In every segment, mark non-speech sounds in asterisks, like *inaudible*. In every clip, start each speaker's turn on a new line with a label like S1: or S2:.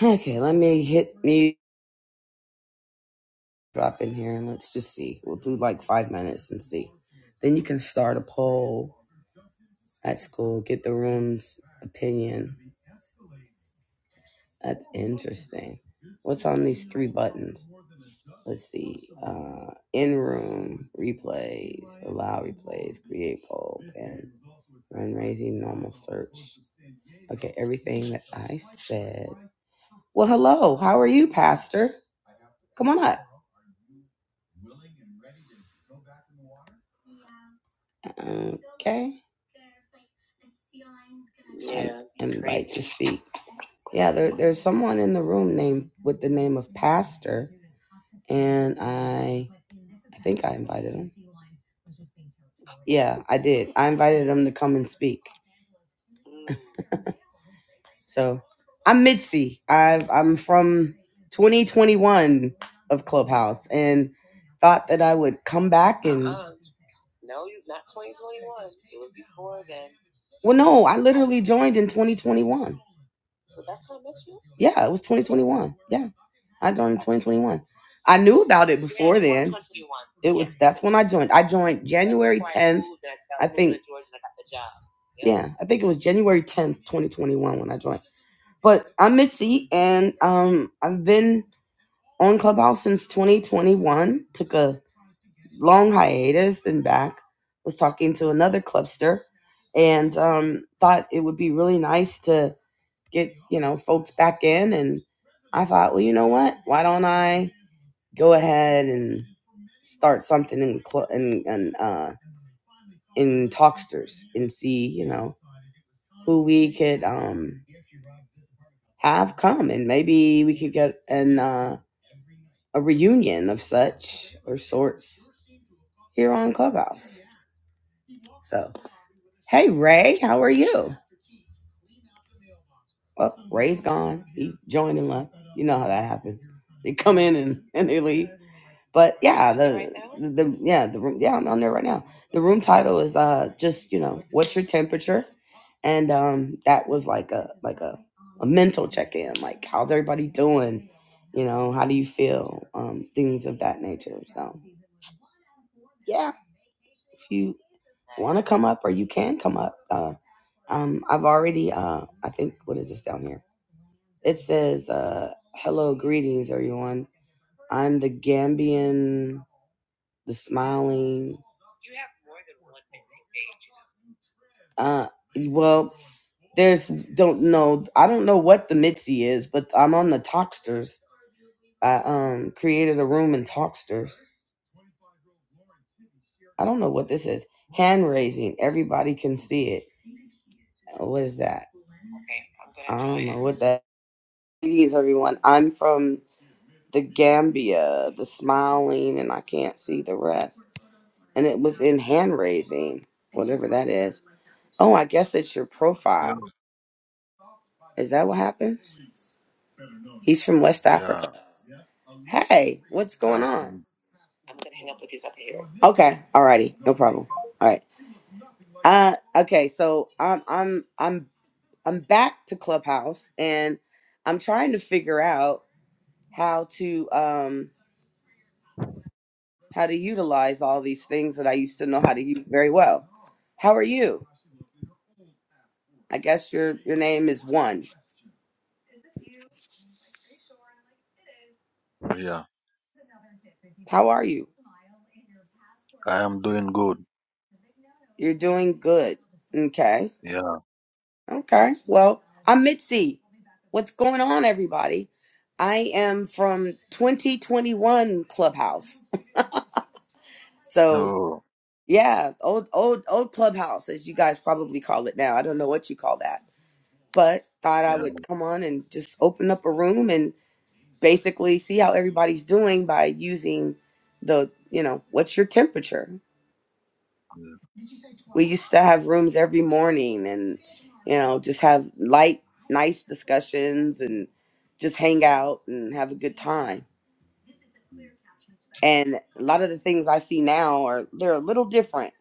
S1: Okay, let me hit me drop in here and let's just see. We'll do like five minutes and see. Then you can start a poll at school, get the room's opinion. That's interesting. What's on these three buttons? Let's see. Uh, in room, replays, allow replays, create poll, and run raising normal search. Okay, everything that I said. Well, hello. How are you, Pastor? Come on up. Okay. Yeah, invite to speak. Yeah, there, there's someone in the room named with the name of Pastor, and I, I think I invited him. Yeah, I did. I invited him to come and speak. *laughs* So, I'm Mitzi. I've, I'm from 2021 of Clubhouse, and thought that I would come back and. Well, no, I literally joined in 2021. Yeah, it was 2021. Yeah. I joined in 2021. I knew about it before then. It was that's when I joined. I joined January 10th. I think Yeah, I think it was January 10th, 2021 when I joined. But I'm Mitzi and um I've been on Clubhouse since 2021. Took a long hiatus and back. Was talking to another clubster and um thought it would be really nice to get, you know, folks back in and I thought, well, you know what? Why don't I go ahead and start something in cl- in in, uh, in Talksters and see you know who we could um have come and maybe we could get an uh, a reunion of such or sorts here on Clubhouse. So hey Ray, how are you? Well, Ray's gone. He joined and left. You know how that happens. They come in and, and they leave. But yeah, you right the now? the yeah the room yeah I'm on there right now. The room title is uh just you know what's your temperature, and um that was like a like a a mental check in like how's everybody doing, you know how do you feel um things of that nature. So yeah, if you want to come up or you can come up. Uh, um, I've already, uh, I think, what is this down here? It says, uh, hello, greetings, everyone. I'm the Gambian the smiling. Uh, well, there's don't know. I don't know what the Mitzi is, but I'm on the Talksters. I um created a room in Talksters. I don't know what this is. Hand raising. Everybody can see it. What is that? I don't know what that means, everyone. I'm from the Gambia, the smiling, and I can't see the rest. And it was in hand raising, whatever that is. Oh, I guess it's your profile.
S2: Hello.
S1: Is that what happens? He's from West Africa.
S2: Yeah,
S1: Hey, what's
S2: yeah,
S1: going
S2: I'm
S1: on?
S2: from
S1: Okay, alrighty, no problem. All right. Uh, okay, so I'm I'm I'm I'm back to Clubhouse, and I'm trying to figure out how to um how to utilize all these things that I used to know how to use very well. How are you? I guess your your name is one.
S2: yeah.
S1: How are you?
S2: I am doing good.
S1: You're doing good. Okay.
S2: Yeah.
S1: Okay. Well, I'm Mitzi. What's going on, everybody? I am from 2021 Clubhouse. So
S2: Oh,
S1: yeah, old old old Clubhouse, as you guys probably call it now. I don't know what you call that, but thought I
S2: yeah.
S1: would come on and just open up a room and basically see how everybody's doing by using the you know what's your temperature.
S2: yeah.
S1: We used to have rooms every morning and you know just have light nice discussions and just hang out and have a good time.
S2: Mm.
S1: And a lot of the things I see now are they're a little different.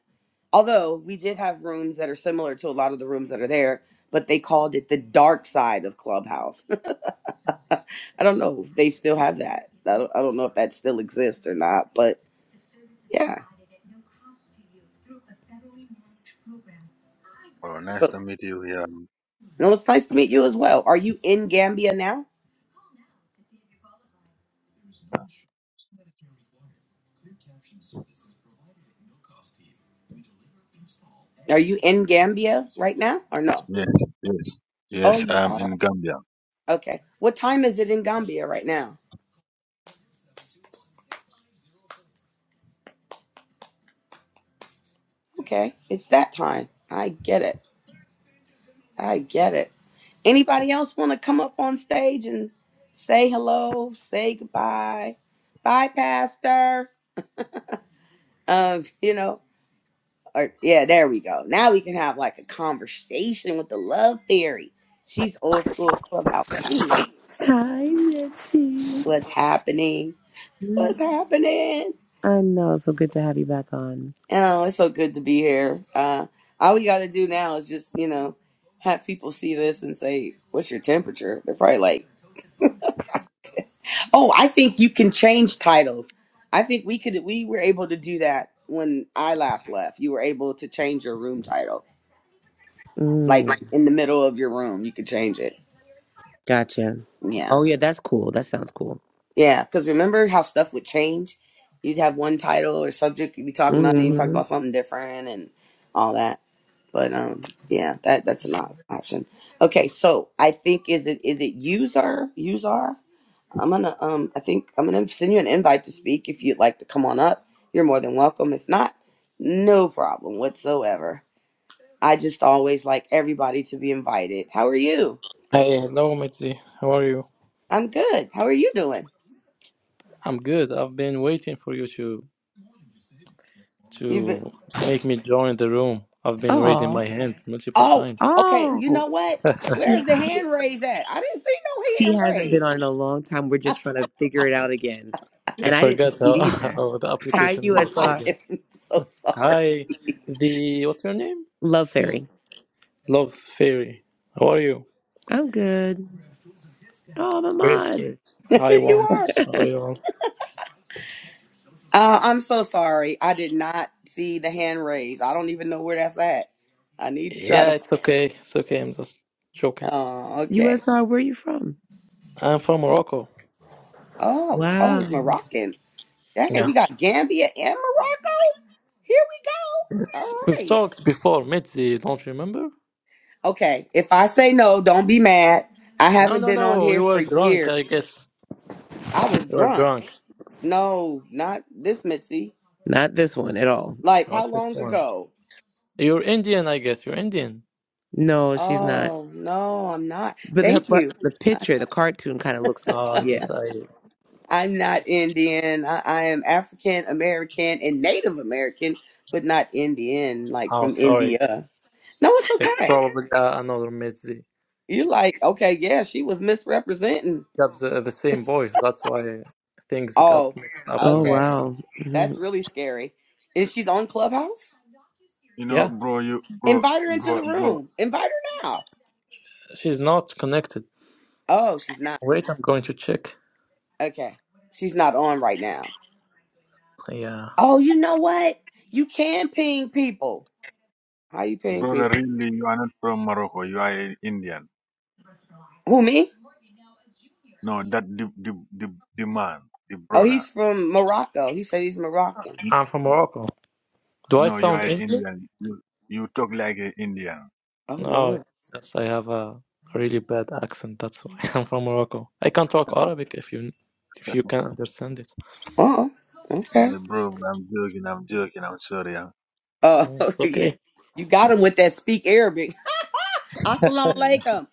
S1: Although we did have rooms that are similar to a lot of the rooms that are there, but they called it the dark side of Clubhouse. *laughs* I don't know if they still have that. I don't, I don't know if that still exists or not, but yeah.
S2: Oh, nice
S1: So,
S2: to meet you. Yeah.
S1: no, it's nice to meet you as well. Are you in Gambia now? Are you in Gambia right now or no?
S2: Yes, yes,
S1: Oh,
S2: yes. I
S1: you
S2: am
S1: are.
S2: in Gambia.
S1: Okay. What time is it in Gambia right now? Okay, it's that time. I get it. I get it. Anybody else want to come up on stage and say hello, say goodbye? Bye, Pastor. Um, you know, or yeah, there we go. Now we can have like a conversation with the love theory. She's old school clubhouse too.
S3: Hi, Mitzi.
S1: What's happening?
S3: Yeah.
S1: What's happening?
S3: I know. It's so good to have you back on.
S1: Oh, it's so good to be here. Uh, all we got to do now is just, you know, have people see this and say, "What's your temperature?" They're probably like. Oh, I think you can change titles. I think we could we were able to do that when I last left. You were able to change your room title. Like
S3: Mm,
S1: in the middle of your room, you could change it.
S3: gotcha.
S1: Yeah.
S3: Oh, yeah, that's cool. That sounds cool.
S1: Yeah, cuz remember how stuff would change? You'd have one title or subject you'd be talking about and you would talk
S3: hmm
S1: about something different and all that. But um yeah, that that's an op- option. Okay, so I think is it is it user? User? I'm gonna um I think I'm gonna send you an invite to speak if you'd like to come on up. You're more than welcome. If not, no problem whatsoever. I just always like everybody to be invited. How are you?
S4: Hey, hello, Mitzi. How are you?
S1: I'm good. How are you doing?
S4: I'm good. I've been waiting for you to
S1: You've been
S4: to make me join the room. I've been raising
S3: Oh,
S4: my hand multiple
S1: Oh,
S4: times.
S1: okay. You
S3: oh.
S1: know what?
S3: She,
S1: Where's the hand raise at? I didn't see no
S3: she
S1: hand
S3: hasn't been
S1: raise.
S3: on in a long time. We're just trying to figure it out again.
S4: I
S3: And I didn't
S4: forgot
S3: see it
S4: how, *laughs*
S3: either.
S4: how the
S3: Hi,
S4: application
S1: *laughs*
S4: works,
S1: I
S4: I
S3: USR.
S4: guess.
S1: am so sorry.
S4: Hi, the what's your name?
S3: Love
S4: Excuse me.
S3: Fairy.
S4: Love Fairy. How are you?
S3: I'm good. Oh, my
S4: Great, great. Hi,
S1: *laughs* you
S4: Juan.
S1: are.
S4: How are
S3: mod.
S4: you all?
S1: Uh, I'm so sorry. I did not see the hand raise. I don't even know where that's at. I need to try
S4: Yeah,
S1: to.
S4: it's okay. It's okay. I'm just joking.
S1: Oh,
S3: *laughs*
S1: okay.
S3: USR, where are you from?
S4: I'm from Morocco.
S1: Oh, oh, he's
S3: Wow.
S1: Moroccan. Dang, we
S4: Yeah.
S1: got Gambia and Morocco. Here we go.
S4: Yes.
S1: All
S4: We've
S1: right.
S4: talked before, Mitzi. Don't remember?
S1: Okay. If I say no, don't be mad. I
S4: No,
S1: haven't
S4: no,
S1: been on
S4: no. We
S1: here for
S4: were drunk,
S1: years.
S4: I guess.
S1: I was
S4: You are
S1: drunk.
S4: drunk.
S1: No, not this Mitzi.
S3: Not this one at all.
S1: Like how
S4: Not this
S1: long
S4: one.
S1: ago?
S4: You're Indian, I guess. You're Indian.
S3: No, she's not.
S1: Oh no, I'm not.
S3: But the,
S1: Thank
S3: but
S1: you.
S3: the picture, the cartoon kind of looks it.
S4: Oh, I
S3: Yeah.
S4: guess I.
S1: I'm not Indian. I, I am African American and Native American, but not Indian, like
S4: Oh,
S1: from
S4: sorry.
S1: India. No, it's
S4: It's
S1: okay.
S4: probably uh, another Mitzi.
S1: You're like, okay, yeah, she was misrepresenting.
S4: Got the, the same voice. That's why things got
S1: Oh,
S4: mixed up
S3: Oh,
S4: for me.
S1: okay.
S3: wow. Mm-hmm.
S1: That's really scary. Is she's on Clubhouse?
S2: You know,
S4: Yeah,
S2: bro, you, bro,
S1: Invite her into
S2: bro,
S1: the
S2: bro,
S1: room. Invite her now.
S4: she's not connected.
S1: Oh, she's not.
S4: Wait, I'm going to check.
S1: Okay. She's not on right now.
S4: Yeah,
S1: Oh, you know what? You can ping people. How you ping
S2: brother.
S1: people?
S2: Really, you are not from Morocco. You are an Indian.
S1: Who me?
S2: No, that the the the, the man, the
S1: Oh,
S2: brother.
S1: he's from Morocco. He said he's Moroccan.
S2: N-
S4: I'm from Morocco. Do I
S2: No, you
S4: sound
S2: are
S4: Indian?
S2: Indian. You you talk like an Indian.
S1: Oh
S4: No,
S1: Lord.
S4: it's just I have a really bad accent. That's why *laughs* I'm from Morocco. I can talk Arabic if you if you can understand it.
S1: Oh, okay.
S2: Yeah, bro, I'm joking. I'm joking. I'm sorry. I'm...
S1: Oh
S4: Mm, It's
S1: *laughs*
S4: okay.
S1: yeah. You got him with that speak Arabic. *laughs* Assalamu alaikum.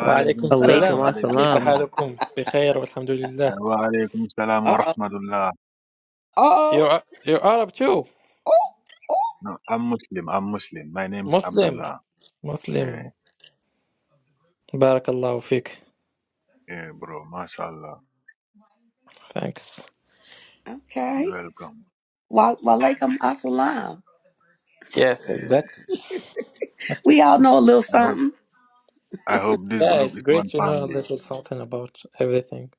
S4: وعليكم
S2: *laughs* salam.
S3: Alaikum
S2: Wa
S4: السلام كيف
S3: assalam.
S2: salam.
S4: حالكم بخير والحمد لله
S2: Walaikum salam wa
S1: Uh
S2: rahmatullah.
S1: oh.
S4: you are, you Arab too
S1: Oh. Oh.
S2: No, I'm Muslim. I'm Muslim. My name is
S4: Muslim
S2: Abdullah. Yeah,
S4: Muslim بارك الله
S2: yeah, bro. MashaAllah.
S4: thanks
S1: Okay.
S2: Welcome.
S1: Wa walaikum assalam.
S4: yes
S2: Eh,
S4: exactly
S1: We all know a little
S2: I hope
S1: something.
S2: I hope this
S4: yeah
S2: group
S4: it's
S2: is
S4: great
S2: one
S4: to know a
S2: family.
S4: little something about everything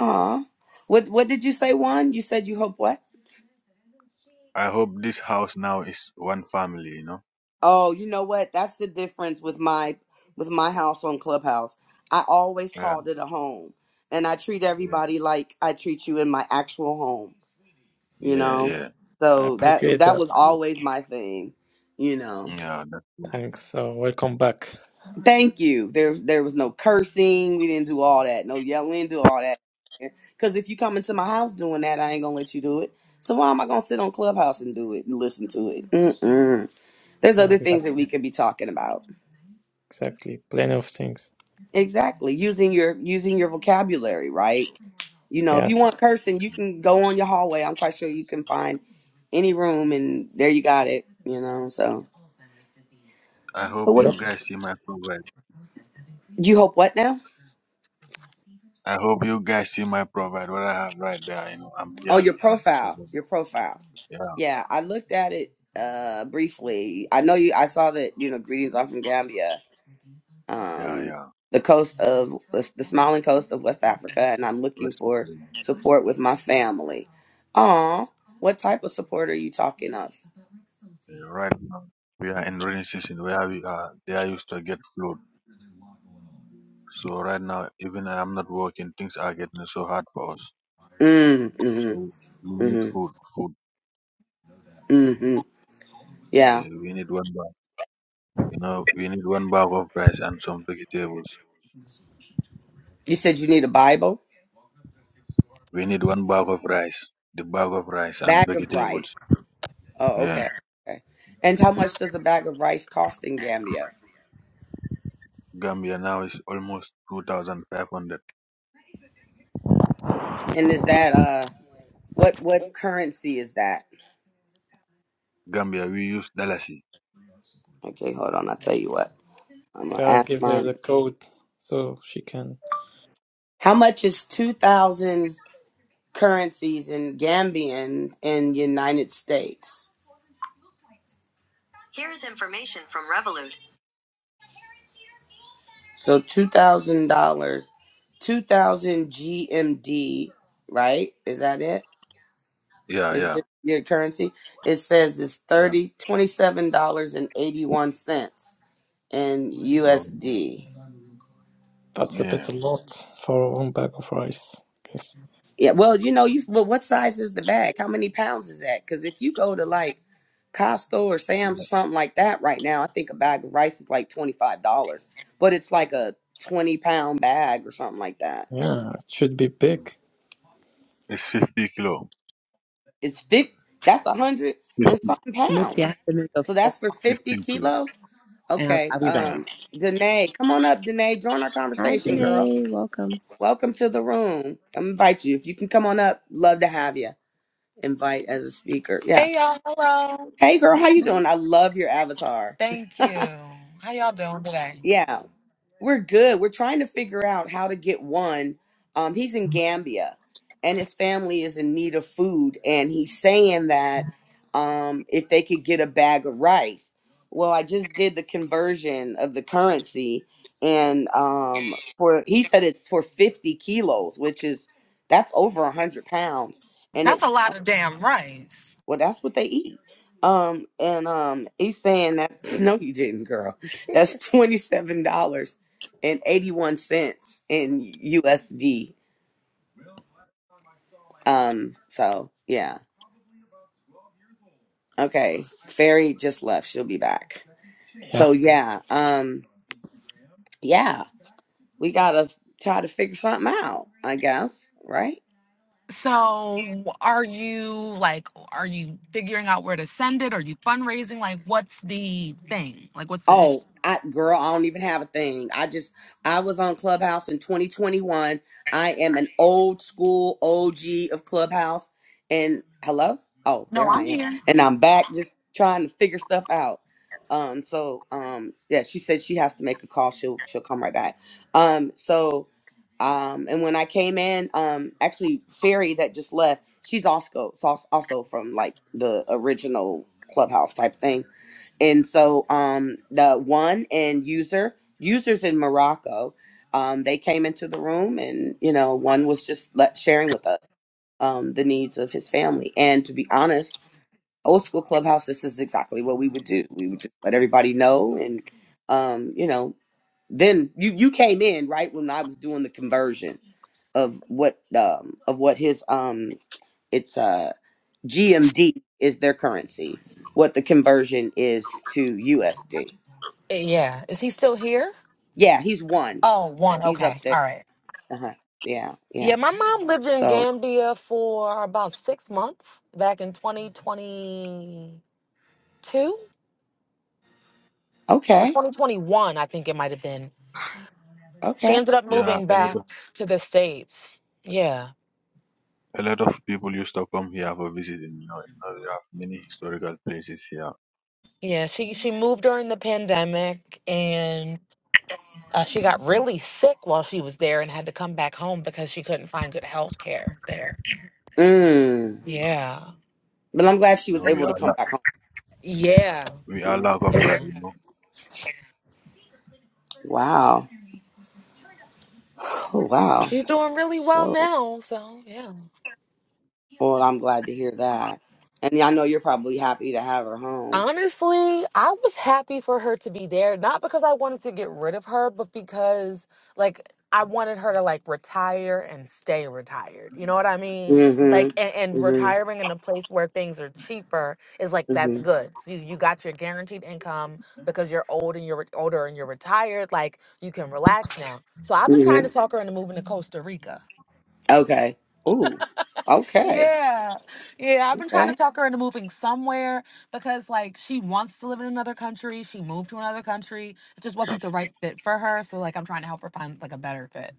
S1: Aw. What what did you say, one? You said you hope what?
S2: I hope this house now is one family. You know.
S1: Oh, you know what? That's the difference with my with my house on Clubhouse. I always
S2: Yeah.
S1: called it a home. And I treat
S2: Yeah.
S1: everybody like I treat you in my actual home, you
S2: Yeah.
S1: know?
S2: yeah.
S4: I
S1: So that
S4: appreciate
S1: that
S4: that
S1: was
S2: Good.
S1: always my thing, you know.
S2: Yeah. That's good.
S4: thanks so welcome back
S1: Thank you. There, there was no cursing. We didn't do all that. No yelling. We didn't do all that. Because if you come into my house doing that, I ain't gonna let you do it. So why am I gonna sit on Clubhouse and do it and listen to it? Mm-mm. There's
S4: Yeah,
S1: other things that
S4: exactly
S1: we could be talking about.
S4: exactly plenty of things
S1: Exactly. Using your using your vocabulary, right? You know, if
S4: yes
S1: you want cursing, you can go on your hallway. I'm quite sure you can find any room, and there you got it. You know. So,
S2: I
S1: so
S2: hope
S1: what?
S2: you
S4: yep
S2: guys see my provide.
S1: You hope what now?
S2: I hope you guys see my provide. What I have right there. You know. I'm here
S1: Oh, your
S2: looking for
S1: profile.
S2: someone.
S1: Your profile.
S2: Yeah.
S1: Yeah, I looked at it uh briefly. I know you I saw that, you know, greetings are from Gambia.
S2: Yeah.
S1: Um
S2: Yeah.
S1: the coast of the smiling coast of West Africa and I'm looking
S2: Rest of
S1: for
S2: it.
S1: support with my family. Aw, what type of support are you talking of?
S2: Uh, Right now, we are in rainy season where we are they are used to get flood. So right now, even I am not working, things are getting so hard for us.
S1: Mm,
S2: So
S1: mm-hmm,
S2: we need
S1: mm-hmm,
S2: food, food.
S1: mm-hmm. Yeah.
S2: eh, we need one bag. You know, we need one bag of rice and some vegetables.
S1: You said you need a Bible?
S2: We need one bag of rice, the bag of rice and
S1: Bag of
S2: vegetables.
S1: rice. Oh,
S2: Yeah,
S1: okay. Okay. And how much does a bag of rice cost in Gambia?
S2: Gambia now is almost two thousand five hundred.
S1: And is that uh What what currency is that?
S2: Gambia, we use dalasi.
S1: Okay, hold on. I'll tell you what. I'm gonna
S4: gotta
S1: ask
S4: give her
S1: my.
S4: the code so she can
S1: How much is two thousand currencies in Gambian in United States? So two thousand dollars, two thousand GMD. Right? Is that it?
S2: Yeah,
S1: Is
S2: yeah,
S1: your, your currency? It says it's
S2: yeah.
S1: thirty twenty seven dollars and eighty one cents in
S2: Oh,
S1: USD.
S4: that's a bit
S2: yeah.
S4: a lot for one bag of rice because
S1: Yeah. Well, you know, you. Well, what size is the bag? How many pounds is that? Because if you go to like Costco or Sam's or
S2: yeah.
S1: something like that right now. I think a bag of rice is like twenty five dollars, but it's like a twenty pound bag or something like that.
S4: yeah it should be big
S2: It's fifty kilo,
S1: It's fifty. That's a hundred
S2: 50
S1: and something
S3: Mitzi, I
S1: pounds.
S3: have to make a
S1: So
S3: phone
S1: that's for fifty
S2: fifteen kilo.
S1: kilos.
S3: and I'll,
S1: Okay,
S3: I'll be
S2: Yeah.
S1: um,
S3: back.
S1: Danae, come on up, Danae. Join our
S3: Hi,
S1: conversation, girl.
S3: Janae. Welcome.
S1: Welcome to the room. I invite you if you can come on up. Love to have you. Invite as a speaker. Yeah.
S5: Hey y'all, hello.
S1: Hey, girl, how you doing? I love your avatar.
S5: Thank you. How y'all doing today?
S1: *laughs* yeah. We're good. We're trying to figure out how to get one. Um, he's in Gambia and his family is in need of food. And he's saying that um, if they could get a bag of rice. Well, I just did the conversion of the currency. And um, for he said it's for 50 kilos, which is that's over 100 pounds. and it.
S5: That's a lot of damn rice.
S1: Well, that's what they eat. Um, and um, he's saying that's *laughs* no, you didn't, girl. That's twenty seven dollars and eighty one cents in USD. Um, so yeah, okay. Fairy just left. She'll be back.
S4: yeah
S1: So yeah, um, yeah, we gotta try to figure something out. I guess, right?
S5: So, are you like, are you figuring out where to send it? Are you fundraising? Like, what's the thing? Like, what's the issue?
S1: Oh, I girl, I don't even have a thing. I just I was on Clubhouse in 2021. I am an old school OG of Clubhouse. And hello? Oh,
S5: No,
S1: there I
S5: I'm
S1: am.
S5: here.
S1: And I'm back just trying to figure stuff out. Um so um yeah, she said she has to make a call. She'll she'll come right back. Um so um and when I came in, um actually Fairy that just left, she's also also also from like the original Clubhouse type thing and so um the one and user users in morocco um they came into the room and you know one was just let, sharing with us um the needs of his family and to be honest old school clubhouse this is exactly what we would do we would just let everybody know and um you know then you you came in right when i was doing the conversion of what um of what his um it's uh gmd is their currency what the conversion is to usd
S5: Yeah. Is he still here?
S1: Yeah, he's one.
S5: Oh, one.
S1: He's
S5: Okay.
S1: up there.
S5: All right.
S1: Uh-huh. Yeah, yeah.
S5: Yeah, my mom lived in
S1: So
S5: Gambia for about six months back in 2022 or
S1: okay,
S5: 2021, I think it might have been. She
S1: okay.
S5: ended up
S2: Yeah,
S5: moving
S2: a lot
S5: back
S2: of
S5: to the States. Yeah.
S2: a lot of people used to come here for visiting. You know, Now we have many historical places here.
S5: Yeah. She she moved during the pandemic and uh, she got really sick while she was there and had to come back home because she couldn't find good health care there.
S1: Mm.
S5: Yeah.
S1: But I'm glad she
S2: You
S1: was
S2: know, we
S1: able to
S2: are
S1: come
S2: la-
S1: back home.
S5: Yeah.
S2: we
S1: You
S2: are
S1: know.
S2: lack of that.
S5: Yeah.
S2: You know,
S1: Wow. Oh
S5: But
S1: wow.
S5: she's doing really well
S1: So
S5: now. So, yeah.
S1: well, I'm glad to hear that. And yeah, I know you're probably happy to have her home.
S5: Honestly, I was happy for her to be there, not because I wanted to get rid of her, but because like I wanted her to like retire and stay retired. You know what I mean? Like and,
S1: Mm-hmm.
S5: and
S1: Mm-hmm.
S5: retiring in a place where things are cheaper is like that's
S1: Mm-hmm.
S5: good. So you, you got your guaranteed income because you're old and you're re- older and you're retired. Like you can relax now. So I've been trying
S1: Mm-hmm.
S5: to talk her into moving to Costa Rica.
S1: Okay. Ooh. Okay.
S5: Yeah. Yeah. I've been trying
S1: Okay.
S5: to talk her into moving somewhere because like she wants to live in another country. She moved to another country. It just wasn't the right fit for her. So like I'm trying to help her find like a better fit.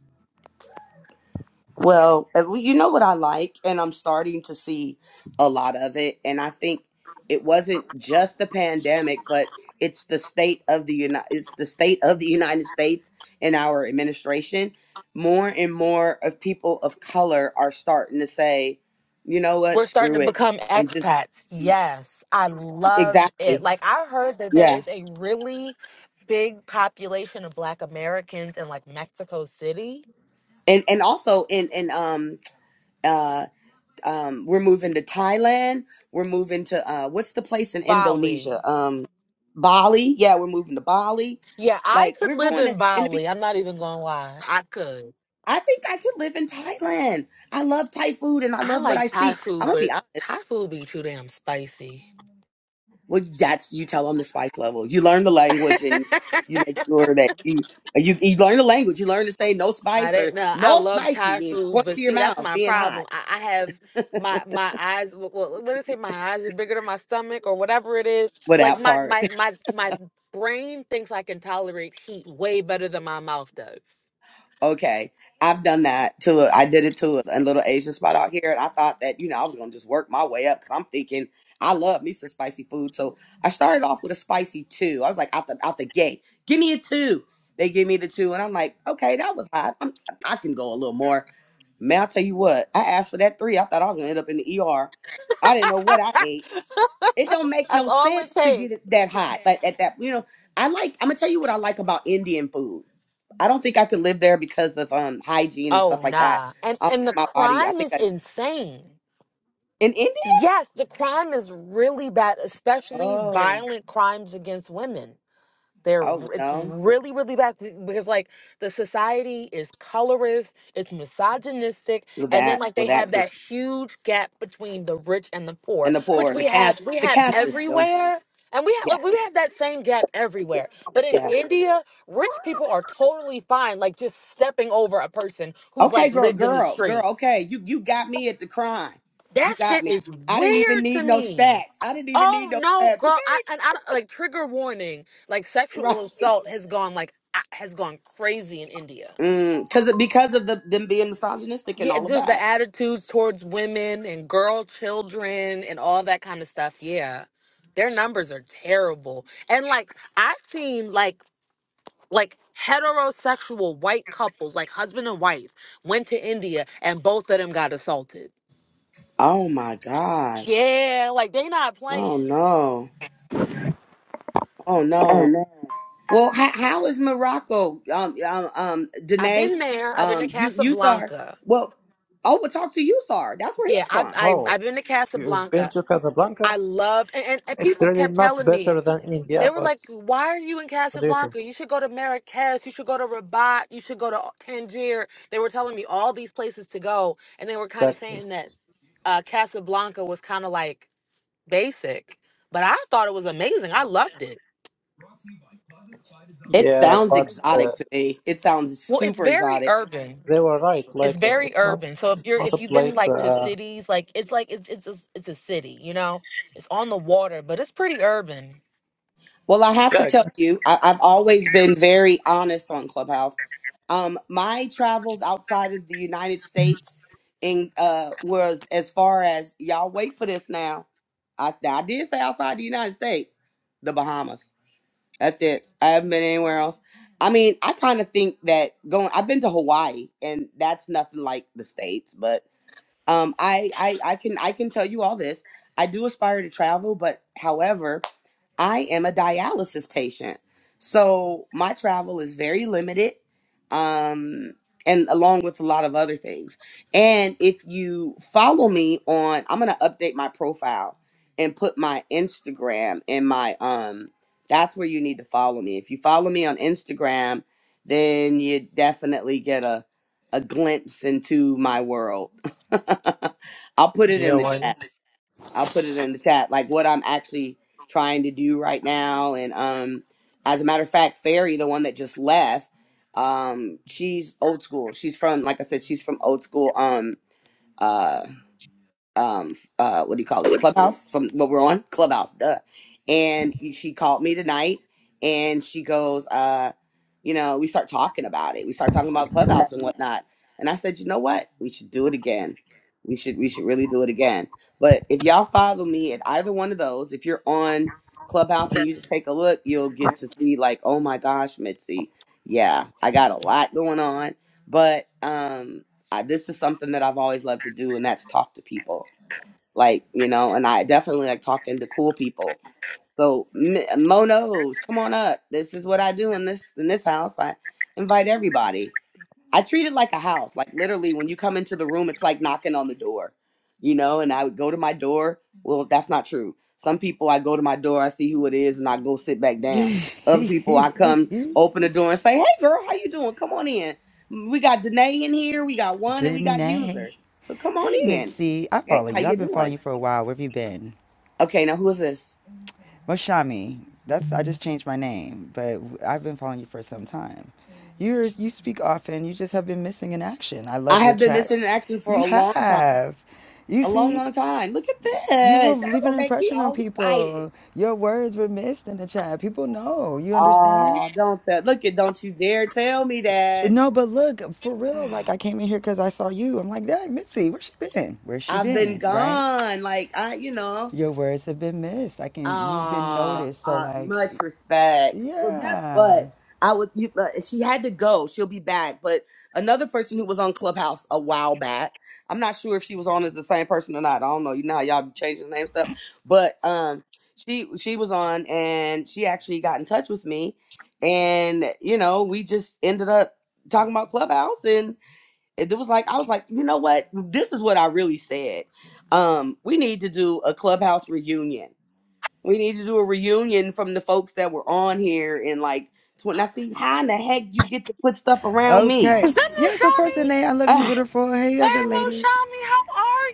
S1: Well, at lea- you know what I like, and I'm starting to see a lot of it. And I think it wasn't just the pandemic, but it's the state of the United it's the state of the *laughs* United States and our administration. More and more of people of color are starting to say, you know what,
S5: We're starting
S1: screw
S5: to
S1: it.
S5: become
S1: And just
S5: expats. Yes. I love it.
S1: exactly.
S5: Like I heard that there
S1: Yeah.
S5: is a really big population of black Americans in like Mexico City.
S1: And and also in in um uh, Um, we're moving to Thailand. We're moving to uh, what's the place in
S5: Bali.
S1: Indonesia? Um, Bali. Yeah, we're moving to Bali.
S5: Yeah, I
S1: Like
S5: could
S1: we're
S5: live
S1: going to.
S5: in
S1: And
S5: Bali. I'm not even gonna lie. I could.
S1: I think I could live in Thailand. I love Thai food and I
S5: I
S1: love what
S5: like
S1: I
S5: Thai
S1: see. I'm
S5: food,
S1: gonna be
S5: but
S1: honest.
S5: Thai food be too damn spicy.
S1: Well, that's you tell them the spice level. You learn the
S5: *laughs*
S1: language and you make sure that you you you learn the language. You learn to say no
S5: I
S1: spice
S5: did
S1: or
S5: no, I
S1: no
S5: love
S1: spicy
S5: Thai
S1: means
S5: food,
S1: point
S5: but
S1: to your
S5: see, that's
S1: mouth
S5: my
S1: being hot.
S5: problem. I, I have my my eyes. Well, what do I say? My eyes are bigger than my stomach, or whatever it is. Like
S1: Without
S5: my
S1: part.
S5: my my my brain thinks I can tolerate heat way better than my mouth does.
S1: Okay. I've done that to a, I did it to a, a little Asian spot out here and I thought that, you know, I was going to just work my way up cuz I'm thinking I love me some spicy food. So I started off with a spicy 2. I was like out the out the gate. Give me a 2. They give me the 2 and I'm like, "Okay, that was hot. I'm, I can go a little more." Man, I'll tell you what. I asked for that 3. I thought I was going to end up in the ER. I didn't know
S5: *laughs*
S1: what I ate. It don't make
S5: that's
S1: no
S5: all it
S1: sense to get
S5: takes.
S1: it that hot. Like at that, you know, I like I'm going to tell you what I like about Indian food I don't think I could live there because of um hygiene and
S5: Oh
S1: stuff like that.
S5: nah, and
S1: Um,
S5: and the
S1: my body, I
S5: crime
S1: think
S5: is
S1: I
S5: insane.
S1: in India.
S5: Yes, the crime is really bad, especially
S1: Oh,
S5: violent crimes against women. They're
S1: oh
S5: it's
S1: no,
S5: really really bad be- because like the society is colorist, it's misogynistic,
S1: with
S5: and then
S1: that,
S5: like they
S1: with
S5: have
S1: that too,
S5: that huge gap between the rich and the poor,
S1: and the
S5: which
S1: poor, the
S5: we have
S1: cash,
S5: we
S1: the
S5: have
S1: cash system.
S5: everywhere. And we
S1: Yeah,
S5: have we have that same gap everywhere. But in
S1: yeah.
S5: India, rich people are totally fine like just stepping over a person who's
S1: Okay,
S5: like
S1: girl,
S5: lived in the
S1: girl,
S5: street.
S1: girl. Okay, you you got me at the crime. You
S5: That
S1: got
S5: shit
S1: me.
S5: is
S1: I didn't even
S5: weird to
S1: need no
S5: me.
S1: stats. I didn't even need
S5: Oh
S1: no
S5: no,
S1: stats.
S5: girl!
S1: Okay,
S5: I and I don't- like trigger warning. Like
S1: right.
S5: sexual assault has gone like a- has gone crazy in India.
S1: Mm, Cause because of the them being misogynistic and
S5: Yeah,
S1: all of
S5: just the
S1: that.
S5: attitudes towards women and girl children and all that kind of stuff. Yeah, their numbers are terrible. And like I've seen like like heterosexual white couples, like husband and wife, went to India and both of them got assaulted.
S1: Oh my gosh.
S5: Yeah, like they not
S1: Oh
S5: playing.
S1: no. Oh no. Well, how, how is Morocco, um, um, um,
S5: I've
S1: Danae,
S5: been there. I've been to
S1: um, you, you Thar?
S5: Casablanca.
S1: Well, oh, we'll talk to you, Thar. That's where
S5: Yeah,
S1: he's
S5: I,
S1: from.
S5: I
S4: Oh,
S5: I've been to
S4: you've been
S5: Casablanca.
S4: to Casablanca?
S5: I love and, and, and
S4: It's
S5: people
S4: really
S5: kept
S4: not
S5: telling
S4: better
S5: me
S4: than India,
S5: they were
S4: but
S5: like, "Why are you in
S4: what do you think?
S5: Casablanca? You should go to Marrakesh. You should go to Rabat. You should go to Tangier." They were telling me all these places to go, and they were kind of
S4: Exactly.
S5: saying that uh, Casablanca was kind of like basic, but I thought it was amazing. I loved it.
S1: It
S4: Yeah,
S1: sounds
S4: but uh,
S1: exotic to me. It sounds
S5: Well, it's
S1: super
S5: very
S1: exotic.
S5: urban.
S4: they were right.
S5: it's
S4: Like, uh,
S5: very
S4: it's not,
S5: urban. So if
S4: it's
S5: you're
S4: not a
S5: if you've been
S4: place.
S5: like to
S4: Uh,
S5: cities, like it's like it's it's a, it's a city, you know. It's on the water, but it's pretty urban.
S1: Well, I have
S4: yeah,
S1: to tell
S4: exactly.
S1: you, I, I've always been very honest on Clubhouse. Um, my travels outside of the United States in uh was as far as y'all wait for this now. I I did say outside the United States, the Bahamas. That's it. I haven't been anywhere else. I mean, I kind of think that going I've been to Hawaii and that's nothing like the States, but um I I I can I can tell you all this. I do aspire to travel, but however, I am a dialysis patient. So my travel is very limited. Um and along with a lot of other things. And if you follow me on I'm going to update my profile and put my Instagram in my um that's where you need to follow me. If you follow me on Instagram, then you definitely get a a glimpse into my world. *laughs* I'll put it
S4: Yeah,
S1: in the
S4: why
S1: chat.
S4: not?
S1: I'll put it in the chat, like what I'm actually trying to do right now. And um, as a matter of fact, Fairy, the one that just left, um, she's old school. She's from, like I said, she's from old school. Um, uh, um uh what do you call it clubhouse from what we're on clubhouse duh and she called me tonight and she goes uh you know we start talking about it we start talking about clubhouse and whatnot and i said you know what we should do it again we should we should really do it again but if y'all follow me at either one of those if you're on clubhouse and you just take a look you'll get to see like oh my gosh mitzi yeah i got a lot going on but um I, this is something that i've always loved to do and that's talk to people like you know and i definitely like talking to cool people so M- monos come on up this is what i do in this in this house i invite everybody i treat it like a house like literally when you come into the room it's like knocking on the door you know and i would go to my door well that's not true some people i go to my door i see who it is and i go sit back
S6: *laughs*
S1: down other
S6: Danae.
S1: people i come open the door and say hey girl how you doing come on in we got Danae in here we got one and we got user so come on
S6: Hey
S1: in
S6: Mitzi, I
S1: hey
S6: follow
S1: how
S6: you. I've
S1: you
S6: been
S1: doing
S6: following you for a while. Where have you been?
S1: Okay, now who is this?
S6: Moshami. That's I just changed my name, but I've been following you for some time. You're you speak often. You just have been missing in action. I love
S1: I
S6: your
S1: have been missing in
S6: chats.
S1: action for a
S6: You
S1: long time.
S6: have. You
S1: A long,
S6: see,
S1: long time. Look at
S6: you will
S1: this. That
S6: leave
S1: will
S6: an
S1: make me
S6: impression on
S1: all excited.
S6: people. Your words were missed in the chat. People know. You understand?
S1: Oh, don't tell. Look at, don't you dare tell me that.
S6: No, but look, for real, like I
S1: *sighs*
S6: came in here because I saw you. I'm like, dang, Mitzi, where's she been? Where's she
S1: I've been
S6: been? Right?
S1: gone. Like, I, you know.
S6: Your words have been missed. I can, you've been
S1: Ah,
S6: noticed. So,
S1: uh,
S6: like,
S1: much respect. Well, guess
S6: yeah.
S1: what? I would. You, uh, if she had to go, she'll be back. But another person who was on Clubhouse a while back. I'm not sure if she was on as the same person or not. I don't know. You know how y'all be changing the name stuff. But um, she she was on, and she actually got in touch with me, and you know we just ended up talking about Clubhouse, and it was like I was like, you know what? This is what I really said. Um, we need to do a Clubhouse reunion we need to do a reunion from the folks that were on here in like twenty. I see how in the heck you get to put stuff around me.
S6: Okay.
S5: Is that
S6: Yes, of course,
S5: Mushami?
S6: Danae, I love you,
S1: Ah,
S6: beautiful. Hey,
S5: Hey,
S6: other ladies.
S5: Mushami, how are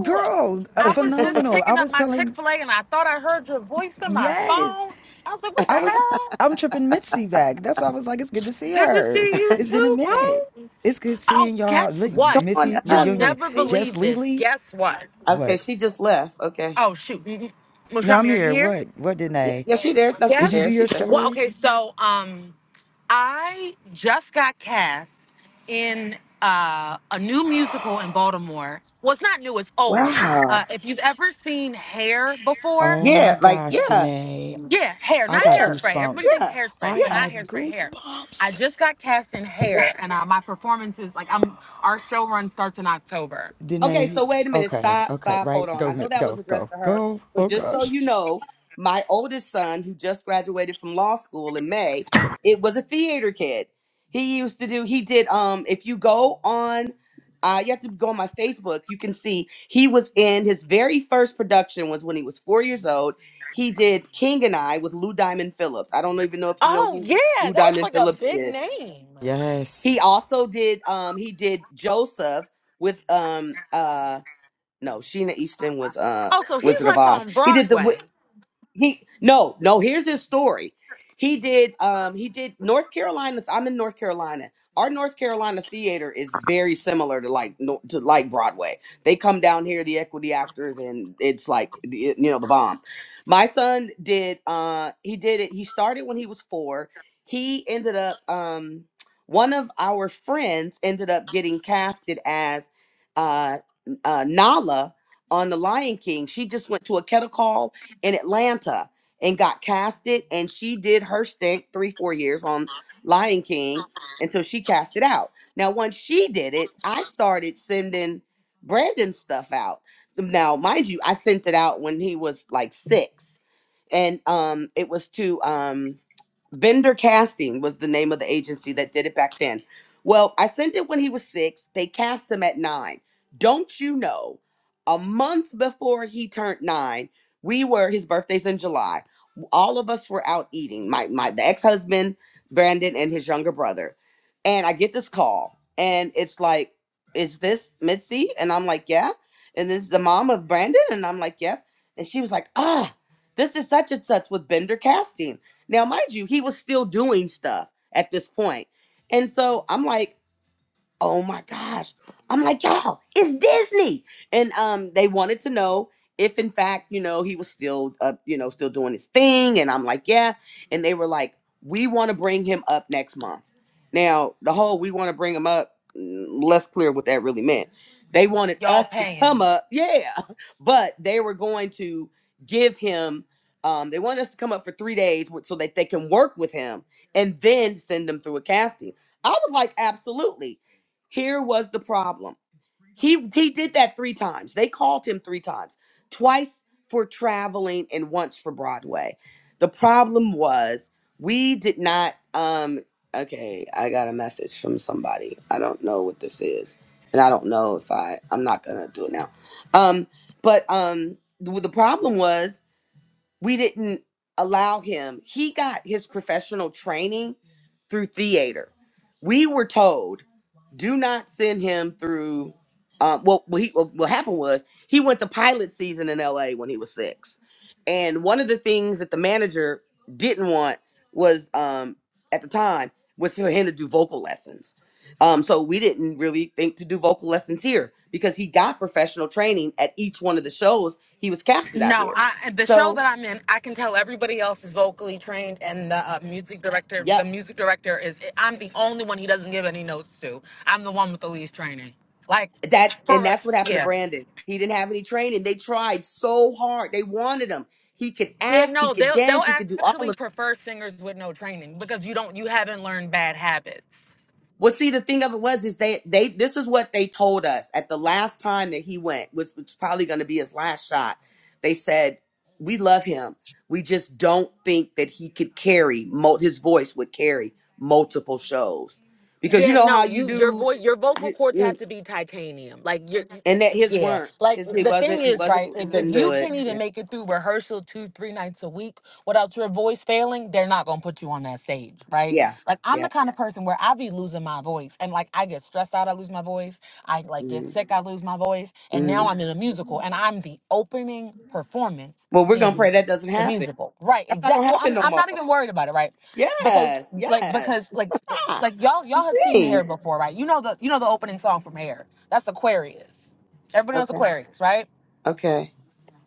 S6: Girl, uh,
S5: I was just
S6: phenomenal. I
S5: picking up
S6: was
S5: my Chick
S6: telling,
S5: fil A and I thought I heard your voice on my
S6: yes,
S5: phone. I was like, what the
S6: I was,
S5: hell?
S6: I'm tripping Mitzi back. That's why I was like, it's good to
S5: It's
S6: see
S5: good to
S6: her.
S5: see you
S6: It's been a
S5: too,
S6: minute.
S5: boo.
S6: It's good
S5: Oh,
S6: seeing y'all.
S5: guess
S6: Look,
S1: come
S5: what?
S1: on
S6: Missy
S5: You'll
S1: up,
S6: reunion.
S5: never
S1: Jolie.
S6: Jess
S5: believe this.
S6: Lely.
S5: Guess what?
S6: What?
S1: Okay, she just left. Okay.
S5: Oh, shoot. Mm, mm.
S6: No, I'm
S5: Mushami, are you
S6: here.
S5: here?
S6: What? What,
S1: Yeah,
S6: Danae?
S1: yeah, she there. No, she's
S6: Did you do
S1: there.
S5: Yes.
S6: your
S1: She's there.
S5: Well,
S6: story?
S5: okay, so, um, I just got cast in uh, a new musical in Baltimore. Well, it's not new, it's old. Uh,
S1: Wow.
S5: if you've ever seen hair before,
S6: Oh my
S1: Yeah, like
S6: gosh,
S1: yeah,
S6: Danae.
S5: yeah, hair,
S6: I
S5: not
S6: got
S1: there.
S5: hairspray. Everybody
S6: goosebumps.
S5: thinks
S1: Yeah.
S6: I
S5: hairspray, but
S1: Yeah.
S5: not
S6: have
S5: hairspray, hair. I
S6: goosebumps.
S5: just got cast in hair, and uh, my performance is like, I'm, our show run starts in October.
S1: Okay,
S6: Danae.
S1: so wait a minute.
S6: Okay,
S1: Stop,
S6: okay,
S1: stop, hold
S6: right.
S1: on. I
S6: Go,
S1: know
S6: Mi-
S1: that was
S6: go,
S1: addressed
S6: go,
S1: to her,
S6: go.
S1: but
S6: Oh
S1: just so
S6: gosh.
S1: you know, my oldest son, who just graduated from law school in May, it was a theater kid. He used to do, he did um, if you go on uh, you have to go on my Facebook, you can see he was in his very first production was when he was four years old. He did King and I with Lou Diamond Phillips. I don't even know if you know
S5: Oh,
S1: who
S5: yeah,
S1: Lou
S5: that's
S1: Diamond
S5: like a
S1: Phillips
S5: big
S1: is.
S5: name.
S1: He
S6: Yes.
S1: also did um he did Joseph with um uh no, Sheena Easton was uh
S5: Oh, so he's
S1: Wizard of
S5: like
S1: Oz.
S5: on
S1: He did the wi-
S5: Broadway.
S1: he no no here's his story he did um he did north carolina i'm in north carolina our north carolina theater is very similar to like no- to like broadway they come down here the equity actors and it's like the- you know the bomb my son did uh he did it he started when he was four he ended up um one of our friends ended up getting casted as uh, uh nala on the lion king she just went to a kettle call in Atlanta and got casted, and she did her stint three, four years on Lion King until she cast it out. Now, once she did it, I started sending Brandon stuff out. Now, mind you, I sent it out when he was like six and um, it was to um, Bender Casting was the name of the agency that did it back then. Well, I sent it when he was six. They cast him at nine. Don't you know? A month before he turned nine, we were his birthday's in July. All of us were out eating. My my the ex husband Brandon and his younger brother, and I get this call, and it's like, "Is this Mitzi?" And I'm like, "Yeah." And this is the mom of Brandon, and I'm like, "Yes." And she was like, "Ah." This is such and such with Bender casting. Now, mind you, he was still doing stuff at this point. And so I'm like, oh my gosh. I'm like, y'all, it's Disney. And um, they wanted to know if in fact, you know, he was still up, you know, still doing his thing. And I'm like, yeah. And they were like, we want to bring him up next month. Now, the whole we want to bring him up, mm, less clear what that really meant. They wanted
S5: Y'all
S1: us to come
S5: paying.
S1: up, yeah. *laughs* But they were going to give him um, they wanted us to come up for three days with- so that they can work with him and then send him through a casting. I was like, absolutely. Here was the problem. He he did that three times. They called him three times. Twice for traveling and once for Broadway. The problem was we did not um okay, I got a message from somebody. I don't know what this is. And I don't know if I I'm not going to do it now. Um but um the, the problem was we didn't allow him. He got his professional training through theater. We were told, do not send him through. Um, well, what, he, well, what happened was he went to pilot season in LA when he was six. And one of the things that the manager didn't want was um, at the time was for him to do vocal lessons. Um, so we didn't really think to do vocal lessons here because he got professional training at each one of the shows he was casted out
S5: No,
S1: here.
S5: I the show
S1: So
S5: that I'm in, I can tell everybody else is vocally trained, and the uh, music director, the
S1: Yep.
S5: music director is. I'm the only one he doesn't give any notes to. I'm the one with the least training. Like,
S1: That's and
S5: for us,
S1: that's what happened to
S5: yeah,
S1: Brandon. He didn't have any training. They tried so hard. They wanted him. He could
S5: yeah.
S1: act, he
S5: No,
S1: could
S5: they'll they'll
S1: dance, he could do all
S5: actually
S1: of it.
S5: prefer singers with no training because you don't you haven't learned bad habits.
S1: Well, see, the thing of it was is they they this is what they told us at the last time that he went, which was probably gonna be his last shot. They said, We love him. We just don't think that he could carry mul- his voice would carry multiple shows. Because you
S5: Yeah,
S1: know how
S5: no,
S1: you
S5: you your
S1: do
S5: voice your vocal
S1: you-
S5: cords have
S1: you-
S5: to be titanium. Like your
S1: and that his
S5: yeah.
S1: weren't.
S5: Like
S1: His- He
S5: the thing
S1: wasn't he
S5: is,
S1: wasn't
S5: right,
S1: he
S5: if,
S1: couldn't
S5: if you
S1: do it.
S5: can't
S1: Yeah.
S5: even make it through rehearsal two, three nights a week without your voice failing, they're not gonna put you on that stage, right?
S1: Yeah.
S5: Like I'm the
S1: Yeah.
S5: kind of person where I be losing my voice and like I get stressed out, I lose my voice. I like get
S1: Mhm.
S5: sick, I lose my voice, and now
S1: Mhm.
S5: I'm in a musical and I'm the opening performance
S1: Well, we're gonna pray
S5: in
S1: that doesn't
S5: the
S1: happen.
S5: musical. Right,
S1: That's not gonna
S5: exactly. Well,
S1: happen
S5: I'm
S1: no
S5: I'm
S1: more.
S5: not even worried about it, right? Because
S1: Yes.
S5: like
S1: Yes.
S5: because like it,
S1: Ah,
S5: like y'all y'all have seen Hair
S1: thanks.
S5: before, right? You know the you know the opening song from Hair. That's Aquarius. Everybody knows
S1: Okay.
S5: Aquarius, right?
S1: Okay.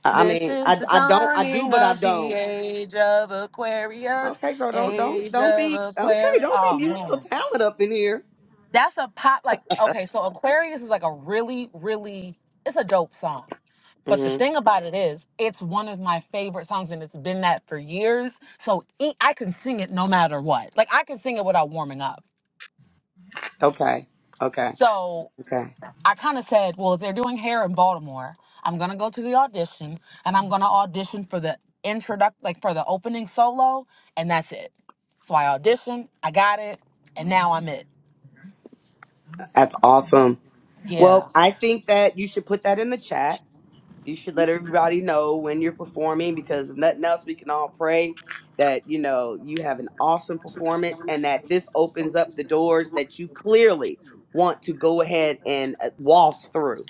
S1: I, I
S5: This
S1: mean,
S5: is
S1: I
S5: the
S1: I don't I do,
S5: dawning
S1: but I
S5: of the
S1: don't.
S5: age of Aquarius,
S1: Okay, girl. Don't don't
S5: age
S1: don't
S5: of
S1: be okay.
S5: Aquarius.
S1: Don't be
S5: Oh
S1: musical
S5: man,
S1: talent up in here.
S5: that's a pop. Like okay, so Aquarius is like a really really it's a dope song. But the
S1: hmm
S5: thing about it is, it's one of my favorite songs, and it's been that for years. So e- I can sing it no matter what. Like I can sing it without warming up.
S1: Okay. Okay.
S5: So
S1: Okay.
S5: I kind of said, well, if they're doing hair in Baltimore, I'm gonna go to the audition and I'm gonna audition for the introduct, like for the opening solo, and that's it. So I auditioned, I got it, and now I'm it.
S1: That's awesome.
S5: Yeah.
S1: Well, I think that you should put that in the chat you should let everybody know when you're performing because if nothing else we can all pray that you know you have an awesome performance and that this opens up the doors that you clearly want to go ahead and uh, waltz through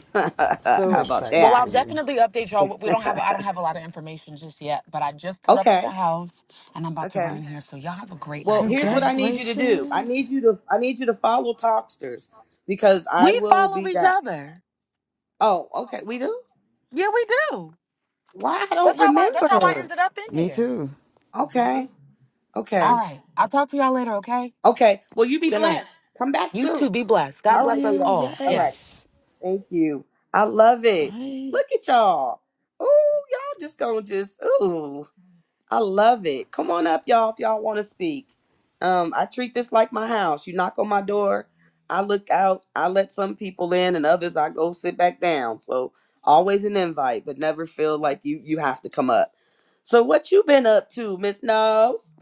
S1: *laughs* how
S6: So
S1: about
S6: excited
S5: Well,
S1: that
S5: I'll
S6: for you.
S5: definitely update y'all. We don't have, I don't have a lot of information just yet, but I just pulled up at the
S1: okay
S5: house and I'm about to run
S1: okay
S5: in here. So y'all have a great
S1: well
S5: night,
S1: here's what
S5: okay?
S1: i need you to do i
S6: Congratulations.
S1: need you to i need you to follow talksters because i
S5: We
S1: will
S5: follow
S1: be
S5: each
S1: back
S5: other.
S1: oh okay we do
S5: Yeah, we do.
S1: why i
S5: That's
S1: don't
S5: how I. That's how I
S1: remember
S5: ended up in
S6: Me
S5: here.
S6: too.
S1: okay
S5: All
S1: okay
S5: right. I'll talk to y'all later, okay?
S1: okay well you be
S5: Good night.
S1: blessed come back
S5: You
S1: soon
S5: too. Be blessed. God
S1: All
S6: Love
S1: right,
S5: bless us
S6: you.
S1: sweetheart.
S5: all.
S1: All right.
S5: Yes.
S6: Yes.
S1: Thank you. I love it.
S6: Right.
S1: Look at y'all. Ooh, y'all just gonna just ooh. I love it. Come on up, y'all, if y'all wanna speak. Um, I treat this like my house. You knock on my door, I look out, I let some people in and others I go sit back down. So always an invite, but never feel like you you have to come up. So what you been up to, Miss Nose?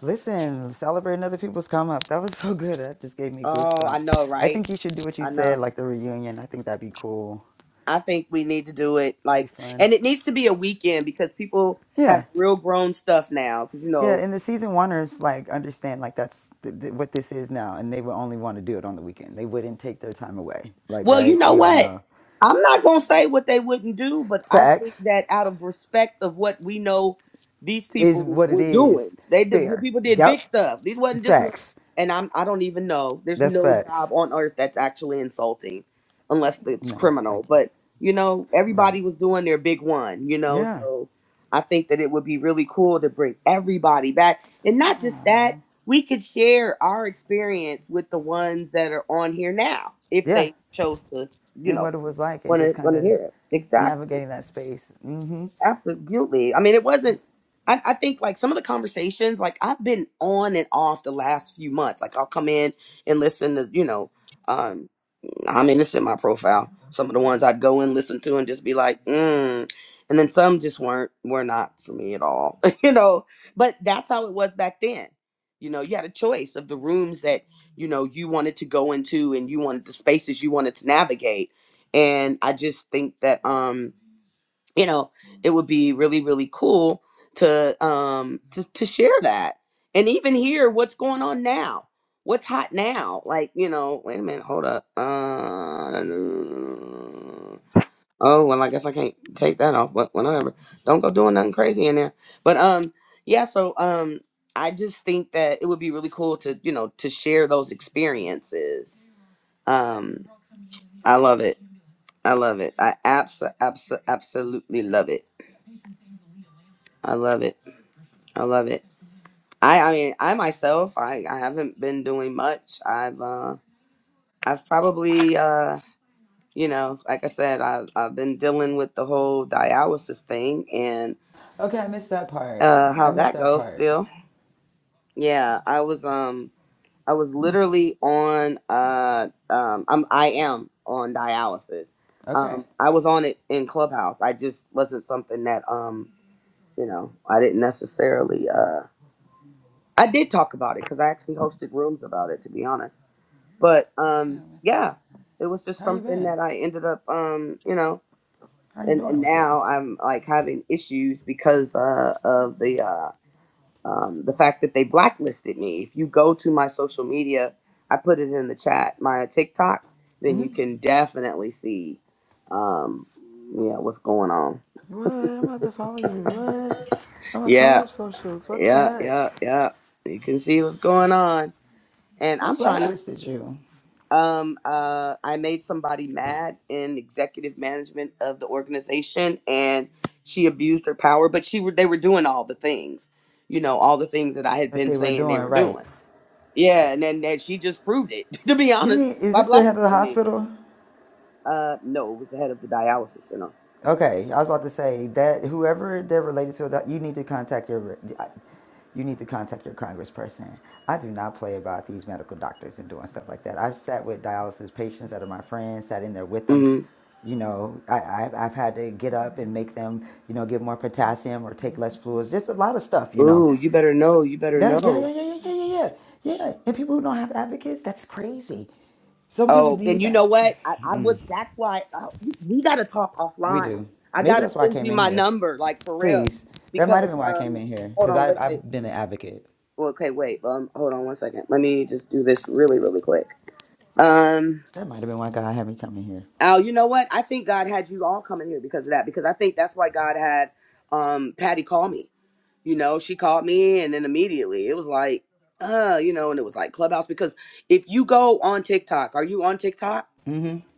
S6: Listen, celebrating other people's come up. That was so good. That just gave me
S1: Oh, I know,
S6: goosebumps. I
S1: right?
S6: think you should do what you
S1: I
S6: said,
S1: know.
S6: like the reunion. I think that'd be cool.
S1: I think we need to do it
S6: That'd
S1: like,
S6: be fun.
S1: and it needs to be a weekend because people have
S6: Yeah,
S1: real grown stuff now. Because you
S6: yeah.
S1: know,
S6: And the season oneers like understand like that's th- th- what this is now, and they would only want to do it on the weekend. They wouldn't take their time away. Like,
S1: Well, you
S6: right?
S1: know
S6: We all
S1: what?
S6: know
S1: I'm not going to say what they wouldn't do, but I think
S6: facts
S1: that out of respect of what we know these
S6: is
S1: people
S6: what it
S1: were
S6: is.
S1: doing, they did, the
S6: Fair.
S1: people did big
S6: Yep.
S1: stuff. These wasn't just no,
S6: Facts.
S1: and I'm I don't even know. There's
S6: That's
S1: no job
S6: facts.
S1: on earth that's actually insulting, unless it's
S6: No,
S1: criminal.
S6: thank you.
S1: But you know, everybody
S6: Right.
S1: was doing their big one. You know,
S6: Yeah.
S1: so I think that it would be really cool to bring everybody back, and not just that we could share our experience with the ones that are on here now if
S6: Yeah.
S1: they chose to you
S6: And
S1: know
S6: what it was like, and
S1: want
S6: just
S1: to
S6: kind
S1: want to
S6: of
S1: hear it exactly
S6: navigating that space. hmm
S1: absolutely i mean it wasn't I, I think like some of the conversations like i've been on and off the last few months like i'll come in and listen to you know um, I mean, it's in my profile. Some of the ones I'd go and listen to and just be like, mm. And then some just weren't, were not for me at all, *laughs* you know. But that's how it was back then. You know, you had a choice of the rooms that, you know, you wanted to go into and you wanted the spaces you wanted to navigate. And I just think that, um, you know it would be really really cool to um to, to share that and even hear what's going on now what's hot now like you know wait a minute hold up uh oh well i guess i can't take that off but whatever don't go doing nothing crazy in there but um yeah so um i just think that it would be really cool to you know to share those experiences um i love it i love it i abso- abso- absolutely love it i love it I love it. I I mean I myself I, I haven't been doing much. I've uh I've probably uh you know like I said I've I've been dealing with the whole dialysis thing and
S6: Okay, I missed that part.
S1: uh
S6: I
S1: how
S6: missed
S1: that
S6: that
S1: goes
S6: part.
S1: still. Yeah, I was um I was literally on uh um I'm I am on dialysis.
S6: Okay.
S1: Um I was on it in Clubhouse. I just wasn't something that um you know I didn't necessarily uh I did talk about it because I actually hosted rooms about it to be honest but
S6: Okay,
S1: um
S6: I missed,
S1: yeah
S6: missed
S1: it was just
S6: that. How you
S1: something
S6: been?
S1: that i ended up um you know
S6: How you
S1: and,
S6: doing
S1: and
S6: with it?
S1: now i'm like having issues because uh of the uh um the fact that they blacklisted me if you go to my social media i put it in the chat my tiktok then you
S6: Mhm.
S1: can definitely see um yeah what's going on
S6: What? I'm about to follow you. What? I'm about to follow
S1: yeah
S6: your socials. What the
S1: yeah
S6: heck?
S1: yeah yeah you can see what's going on and
S6: Who
S1: i'm trying to
S6: blacklisted you?
S1: Um, uh, I made somebody mad in executive management of the organization, and she abused her power. But she were they were doing all the things, you know, all the things that I had
S6: That
S1: been
S6: they were
S1: saying they
S6: doing
S1: were
S6: right.
S1: doing. Yeah, and then that she just proved it. *laughs* to be
S6: You
S1: honest,
S6: mean is
S1: by
S6: this the head of the
S1: blacklisting me.
S6: hospital?
S1: Uh, no, it was the head of the dialysis center.
S6: Okay, I was about to say that whoever they're related to, that you need to contact your, you need to contact your congressperson. I do not play about these medical doctors and doing stuff like that. I've sat with dialysis patients that are my friends, sat in there with them.
S1: Mm-hmm.
S6: You know, I, I've, I've had to get up and make them, you know, give more potassium or take less fluids. Just a lot of stuff, you know.
S1: Ooh, you better know. You better
S6: Yeah, yeah,
S1: know.
S6: yeah, yeah, yeah, yeah, yeah, yeah. And people who don't have advocates, that's crazy. Some people
S1: Oh, and
S6: need
S1: you
S6: that.
S1: know what? I, I would. That's why uh, you- we got to talk
S6: We
S1: offline.
S6: do.
S1: I
S6: Maybe
S1: gotta
S6: that's why I
S1: send
S6: came
S1: you
S6: in
S1: my
S6: here.
S1: number, like for real,
S6: Please. That might have
S1: because
S6: been why I came
S1: um,
S6: in here.
S1: hold
S6: Because
S1: on, wait,
S6: I've,
S1: wait,
S6: I've been an advocate.
S1: Well, okay, wait, um, hold on one second. Let me just do this really, really quick. Um,
S6: That might have been why God had me come in here.
S1: Al, you know what? I think God had you all coming here because of that, because I think that's why God had um Patty call me. You know, she called me, and then immediately it was like, uh, you know, and it was like Clubhouse because if you go on TikTok, are you on TikTok?
S6: Mm-hmm.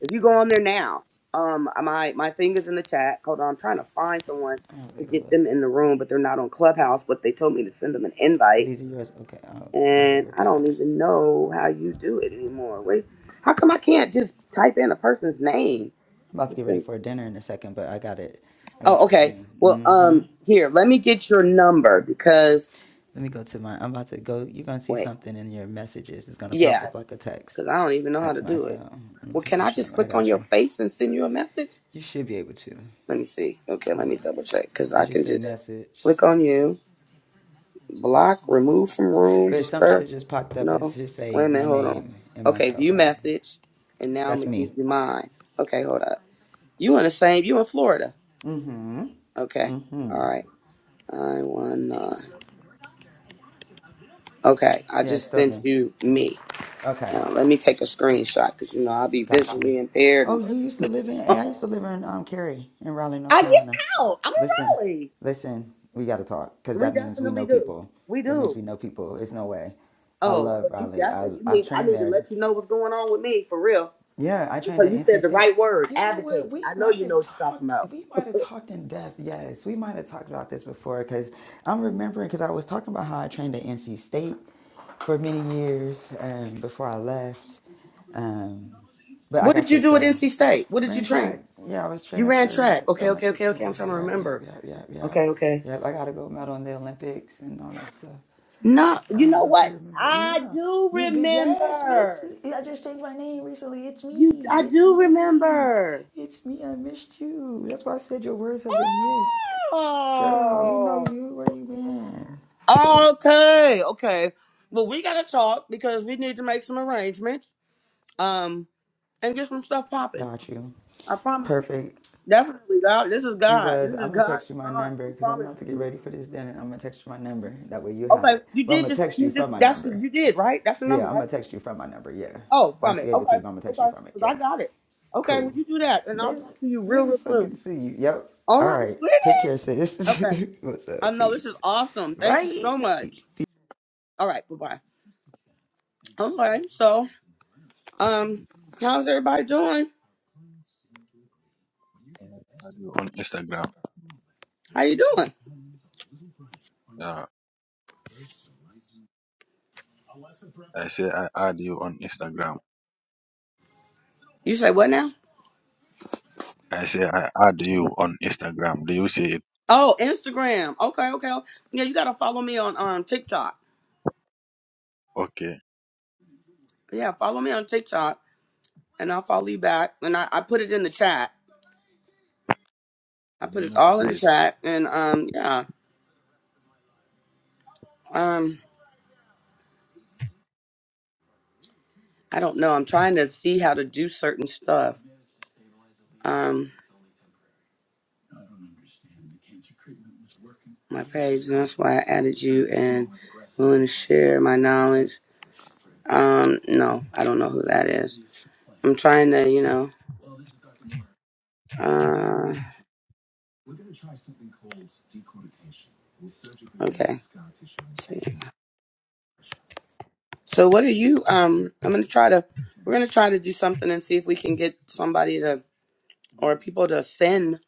S1: If you go on there now, um, uh, my my thing is in the chat. Hold on, I'm trying to find someone
S6: I'll
S1: to
S6: go
S1: get
S6: look.
S1: them in the room, but they're not on Clubhouse. But they told me to send them an
S6: Oh,
S1: invite,
S6: these are yours? Okay, I'll, I'll go
S1: and
S6: look
S1: I
S6: at
S1: don't
S6: it.
S1: even know how you do it anymore. Wait, how come I can't just type in a person's name
S6: I'm about to
S1: to
S6: get ready
S1: send?
S6: for dinner in a second, but I got it. I got
S1: Oh,
S6: your
S1: okay.
S6: thing.
S1: Well,
S6: Mm-hmm.
S1: um, here, let me get your number because
S6: Let me go to my, I'm about to go, you're going to see
S1: wait,
S6: something in your messages. It's going to pop
S1: yeah,
S6: up like a text.
S1: because I don't even know how
S6: That's
S1: to
S6: my
S1: do it.
S6: cell. I'm gonna
S1: Well,
S6: put
S1: can
S6: my
S1: I just
S6: shine- I
S1: click on
S6: got
S1: your
S6: you.
S1: face and send you a message?
S6: You should be able to.
S1: Let me see. Okay, let me
S6: Yeah.
S1: double check because I
S6: It should
S1: can
S6: say
S1: just
S6: message.
S1: click on you. Block, remove from room,
S6: But some should
S1: disturb.
S6: have just popped up and
S1: No.
S6: just
S1: Wait a
S6: say my
S1: minute, hold on.
S6: name and my
S1: Okay,
S6: cell
S1: view
S6: phone number.
S1: message. And now I'm
S6: That's
S1: gonna give
S6: me.
S1: you mine. Okay, hold up. You in the same you in Florida.
S6: Mm-hmm.
S1: Okay.
S6: Mm-hmm.
S1: All right. I one nine. Okay. I
S6: Yeah,
S1: just
S6: start
S1: sent
S6: me.
S1: you me.
S6: Okay.
S1: Now let me take a screenshot because you know I'll be
S6: Got you.
S1: visually impaired
S6: Oh,
S1: and
S6: you used to live in hey,
S1: *laughs*
S6: I used to live in um Cary in Raleigh, North
S1: I
S6: Carolina. Listen,
S1: we
S6: listen, we gotta talk, because that means we
S1: definitely
S6: know
S1: do.
S6: people.
S1: We
S6: That means
S1: do.
S6: we know people. It's no way. I
S1: Oh,
S6: love
S1: well you
S6: Raleigh. I
S1: definitely you
S6: I
S1: need I
S6: trained
S1: need to
S6: there
S1: let you know what's going on with me for real.
S6: Yeah, I
S1: I just
S6: trained
S1: heard
S6: at
S1: you
S6: NC
S1: said the
S6: State.
S1: right word,
S6: You know what?
S1: advocate.
S6: We
S1: I know
S6: might
S1: you
S6: have
S1: know what you're talking
S6: talked.
S1: about.
S6: We might
S1: *laughs*
S6: have talked in depth. Yes, we might have talked about this before because I'm remembering because I was talking about how I trained at NC State for many years um, before I left. Um, but I
S1: What did
S6: got
S1: you
S6: your
S1: do at
S6: cell.
S1: NC State? What did you
S6: Ran
S1: train?
S6: track. Yeah, I was
S1: You
S6: training
S1: ran
S6: for
S1: track.
S6: the
S1: Okay, okay, okay,
S6: Olympics.
S1: okay.
S6: Yeah,
S1: I'm trying to
S6: yeah, yeah,
S1: remember.
S6: yeah, yeah, yeah.
S1: Okay, okay.
S6: Yep, I got a gold medal in the Olympics and all that stuff.
S1: No,
S6: I
S1: you
S6: don't
S1: know
S6: know if you
S1: what?
S6: remember.
S1: I
S6: Yeah,
S1: do
S6: you've been. Yes, it's.
S1: remember.
S6: I just changed my name recently. It's
S1: You,
S6: me.
S1: I
S6: It's
S1: do
S6: me.
S1: remember.
S6: It's me. I missed you. That's why I said your words have been missed. Girl, we know
S1: Oh,
S6: you. Where you been?
S1: okay, okay. Well, we gotta talk because we need to make some arrangements. Um, and get some stuff popping.
S6: Got you.
S1: I promise you.
S6: Perfect.
S1: Definitely, God. This is
S6: It
S1: God.
S6: was.
S1: This is
S6: I'm gonna
S1: God
S6: text you my
S1: divine.
S6: number
S1: I
S6: because I'm
S1: promise
S6: about to get
S1: you.
S6: ready for this dinner. I'm gonna text you my number. That way you have
S1: Okay,
S6: it.
S1: you
S6: Well, I'm
S1: did
S6: gonna
S1: just
S6: text you
S1: you just
S6: from my
S1: that's
S6: number.
S1: you did right. That's the number,
S6: Yeah, I'm
S1: right?
S6: gonna text you from my number. Yeah,
S1: Oh,
S6: I
S1: from it.
S6: saved it to
S1: Okay,
S6: you, but I'm gonna text
S1: okay,
S6: you from it.
S1: because I
S6: Yeah.
S1: got it. Okay,
S6: Cool.
S1: would you do that? And I'll talk
S6: This
S1: to you real,
S6: this is
S1: real
S6: so good to
S1: soon.
S6: see you. Yep.
S1: All
S6: All
S1: right,
S6: right.
S1: sweetie.
S6: Take care, sis.
S1: Okay,
S6: *laughs* What's
S1: I
S6: up?
S1: know this is
S6: Peace.
S1: awesome. Thank you so
S6: Right?
S1: much. All right, bye bye. Okay, so um, how's everybody doing?
S2: I add you on Instagram.
S1: How you doing?
S2: Yeah, I say I add you on Instagram.
S1: You say what now?
S2: I say I add you on Instagram. Do you see it?
S1: Oh, Instagram. Okay, okay. Yeah, you gotta follow me on um TikTok.
S2: Okay,
S1: Yeah, follow me on TikTok, and I'll follow you back. And I, I put it in the chat. I
S2: I do
S1: put it
S2: not
S1: all in the
S2: see it.
S1: chat, and um, yeah, um, I don't know. I'm trying to see how to do certain stuff. Um, my page, and that's why I added you and willing to share my knowledge. Um, no, I don't know who that is. I'm trying to, you know. Uh, okay. See. So what are you? Um, I'm gonna try to. We're gonna try to do something and see if we can get somebody to or people to send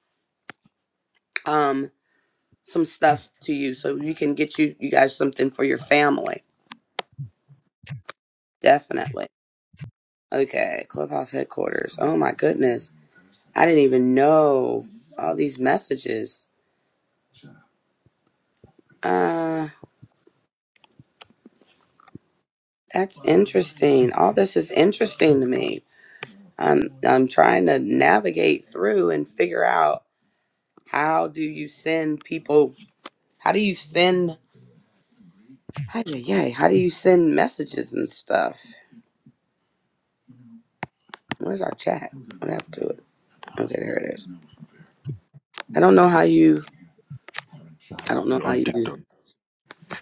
S1: um some stuff to you so you can get you you guys something for your family Definitely. Okay, Clubhouse headquarters. Oh my goodness. I didn't even know all these messages. Uh that's interesting. All this is interesting to me. I'm I'm trying to navigate through and figure out how do you send people how do you send how do you, how do you send messages and stuff? Where's our chat? What happened to it? Okay, there it is. I don't know how you I
S2: I add
S1: don't know
S2: you
S1: how
S2: on
S1: you
S2: TikTok.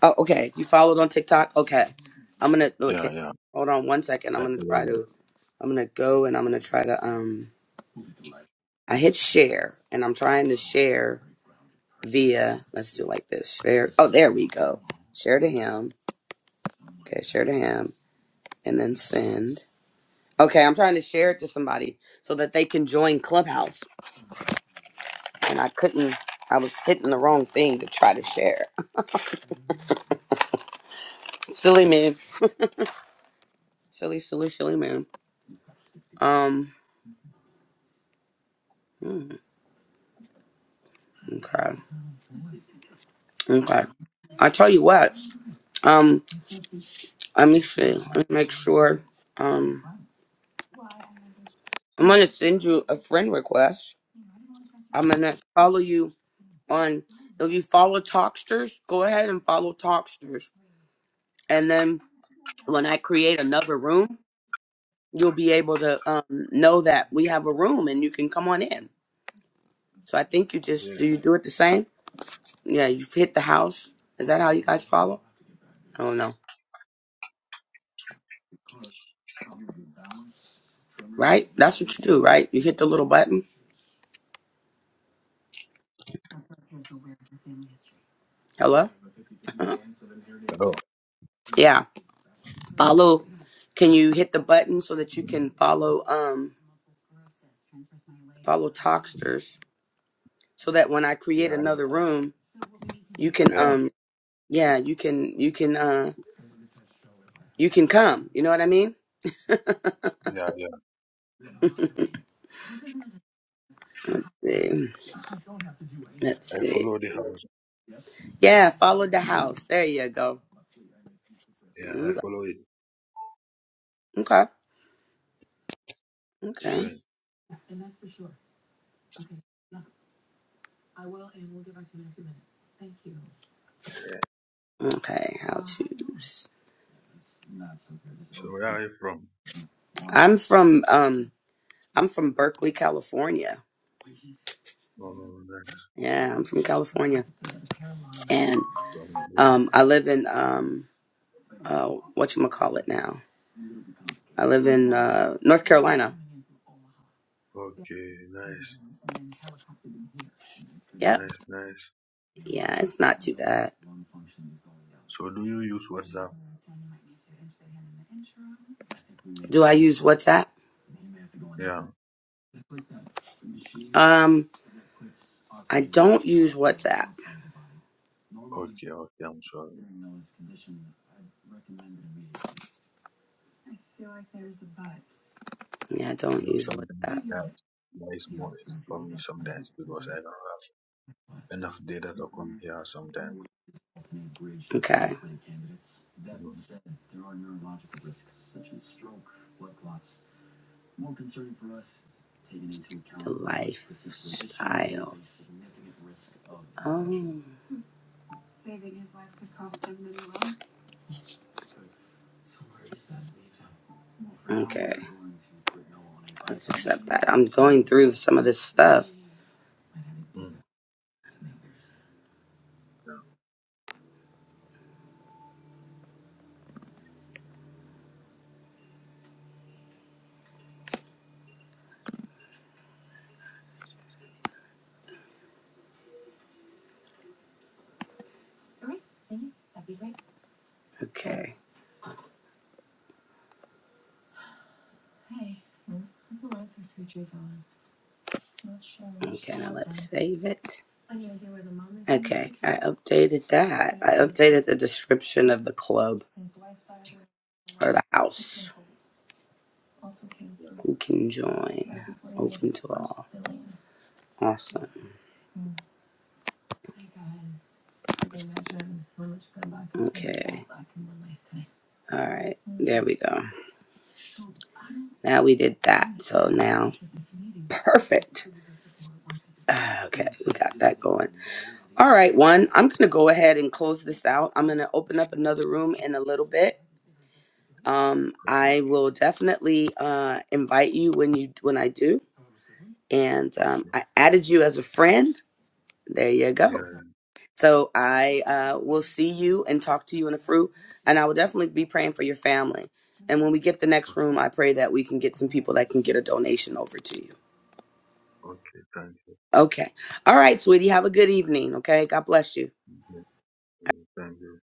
S1: Oh, okay. You followed on TikTok? Okay. I'm gonna
S2: Yeah,
S1: okay.
S2: yeah,
S1: Hold on one second. I'm
S2: I
S1: gonna
S2: follow
S1: try
S2: you.
S1: to I'm gonna go and I'm gonna try to um I hit share and I'm trying to share via let's do like this. Share oh there we go. Share to him. Okay, share to him and then send. Okay, I'm trying to share it to somebody so that they can join Clubhouse. And I couldn't I was hitting the wrong thing to try to share. *laughs* silly man. Silly, silly, silly man. Um hmm, okay. Okay. I tell you what. Um, let me see. Let me make sure. Um, I'm gonna send you a friend request. I'm gonna follow you on. If you follow Talksters, go ahead and follow Talksters, and then when I create another room, you'll be able to um know that we have a room and you can come on in. So I think you just
S2: Yeah,
S1: do you do it the same? Yeah, you hit the house. Is that how you guys follow? I don't know. Right? That's what you do, right? You hit the little button. Hello. Uh-huh.
S2: hello.
S1: Yeah. follow can you hit the button so that you can follow um follow talksters so that when i create
S2: Yeah, I-
S1: another room you can
S2: yeah,
S1: um yeah you can you can uh you can come you know what i mean
S2: yeah, yeah.
S1: Eh, let's
S2: I
S1: see
S2: follow the house.
S1: yeah follow the house there you go
S2: Yeah, I
S1: You-
S2: follow it.
S1: okay okay
S2: Yeah.
S1: okay how to's
S2: So where are you from?
S1: i'm from um i'm from berkeley california
S2: No, no, no, no.
S1: yeah i'm from california and
S2: From
S1: um i live in um uh what you call it now I live in uh, North Carolina.
S2: Okay, nice,
S1: Yep.
S2: nice, nice.
S1: Yeah, it's not too bad.
S2: So do you use WhatsApp?
S1: Do I use WhatsApp?
S2: Yeah,
S1: Um, I don't use WhatsApp.
S2: okay, okay, I'm sorry.
S1: Yeah, I
S2: You
S1: don't
S2: know,
S1: use
S2: sometimes
S1: WhatsApp.
S2: yeah, yeah, it's more for me sometimes because I don't have enough data to come here sometimes.
S1: Okay.
S2: Mm,
S1: The lifestyle. Oh. Okay. Let's accept that. I'm going through some of this stuff.
S2: mm, yeah,
S1: Okay. Okay, now let's save it. Okay, I updated that. I updated the description of the club or the house. Who can join? Open to all. Awesome. Okay. All right. There we go. Now we did that. So now, perfect. Ah, Okay, we got that going. All right, one. I'm going to go ahead and close this out. I'm going to open up another room in a little bit. Um,
S2: okay,
S1: I will definitely uh, invite you when you when I do, and um,
S2: okay,
S1: I added you as a friend. There you
S2: yeah,
S1: go.
S2: yeah,
S1: So I uh, will see you and talk to you in the fruit, and I will definitely be praying for your family. And when we get the next room, I pray that we can get some people that can get a donation over to you.
S2: o- okay, thank you.
S1: Okay. All right, sweetie. Have a good evening. Okay. God bless you.
S2: Mm, mm, Thank you.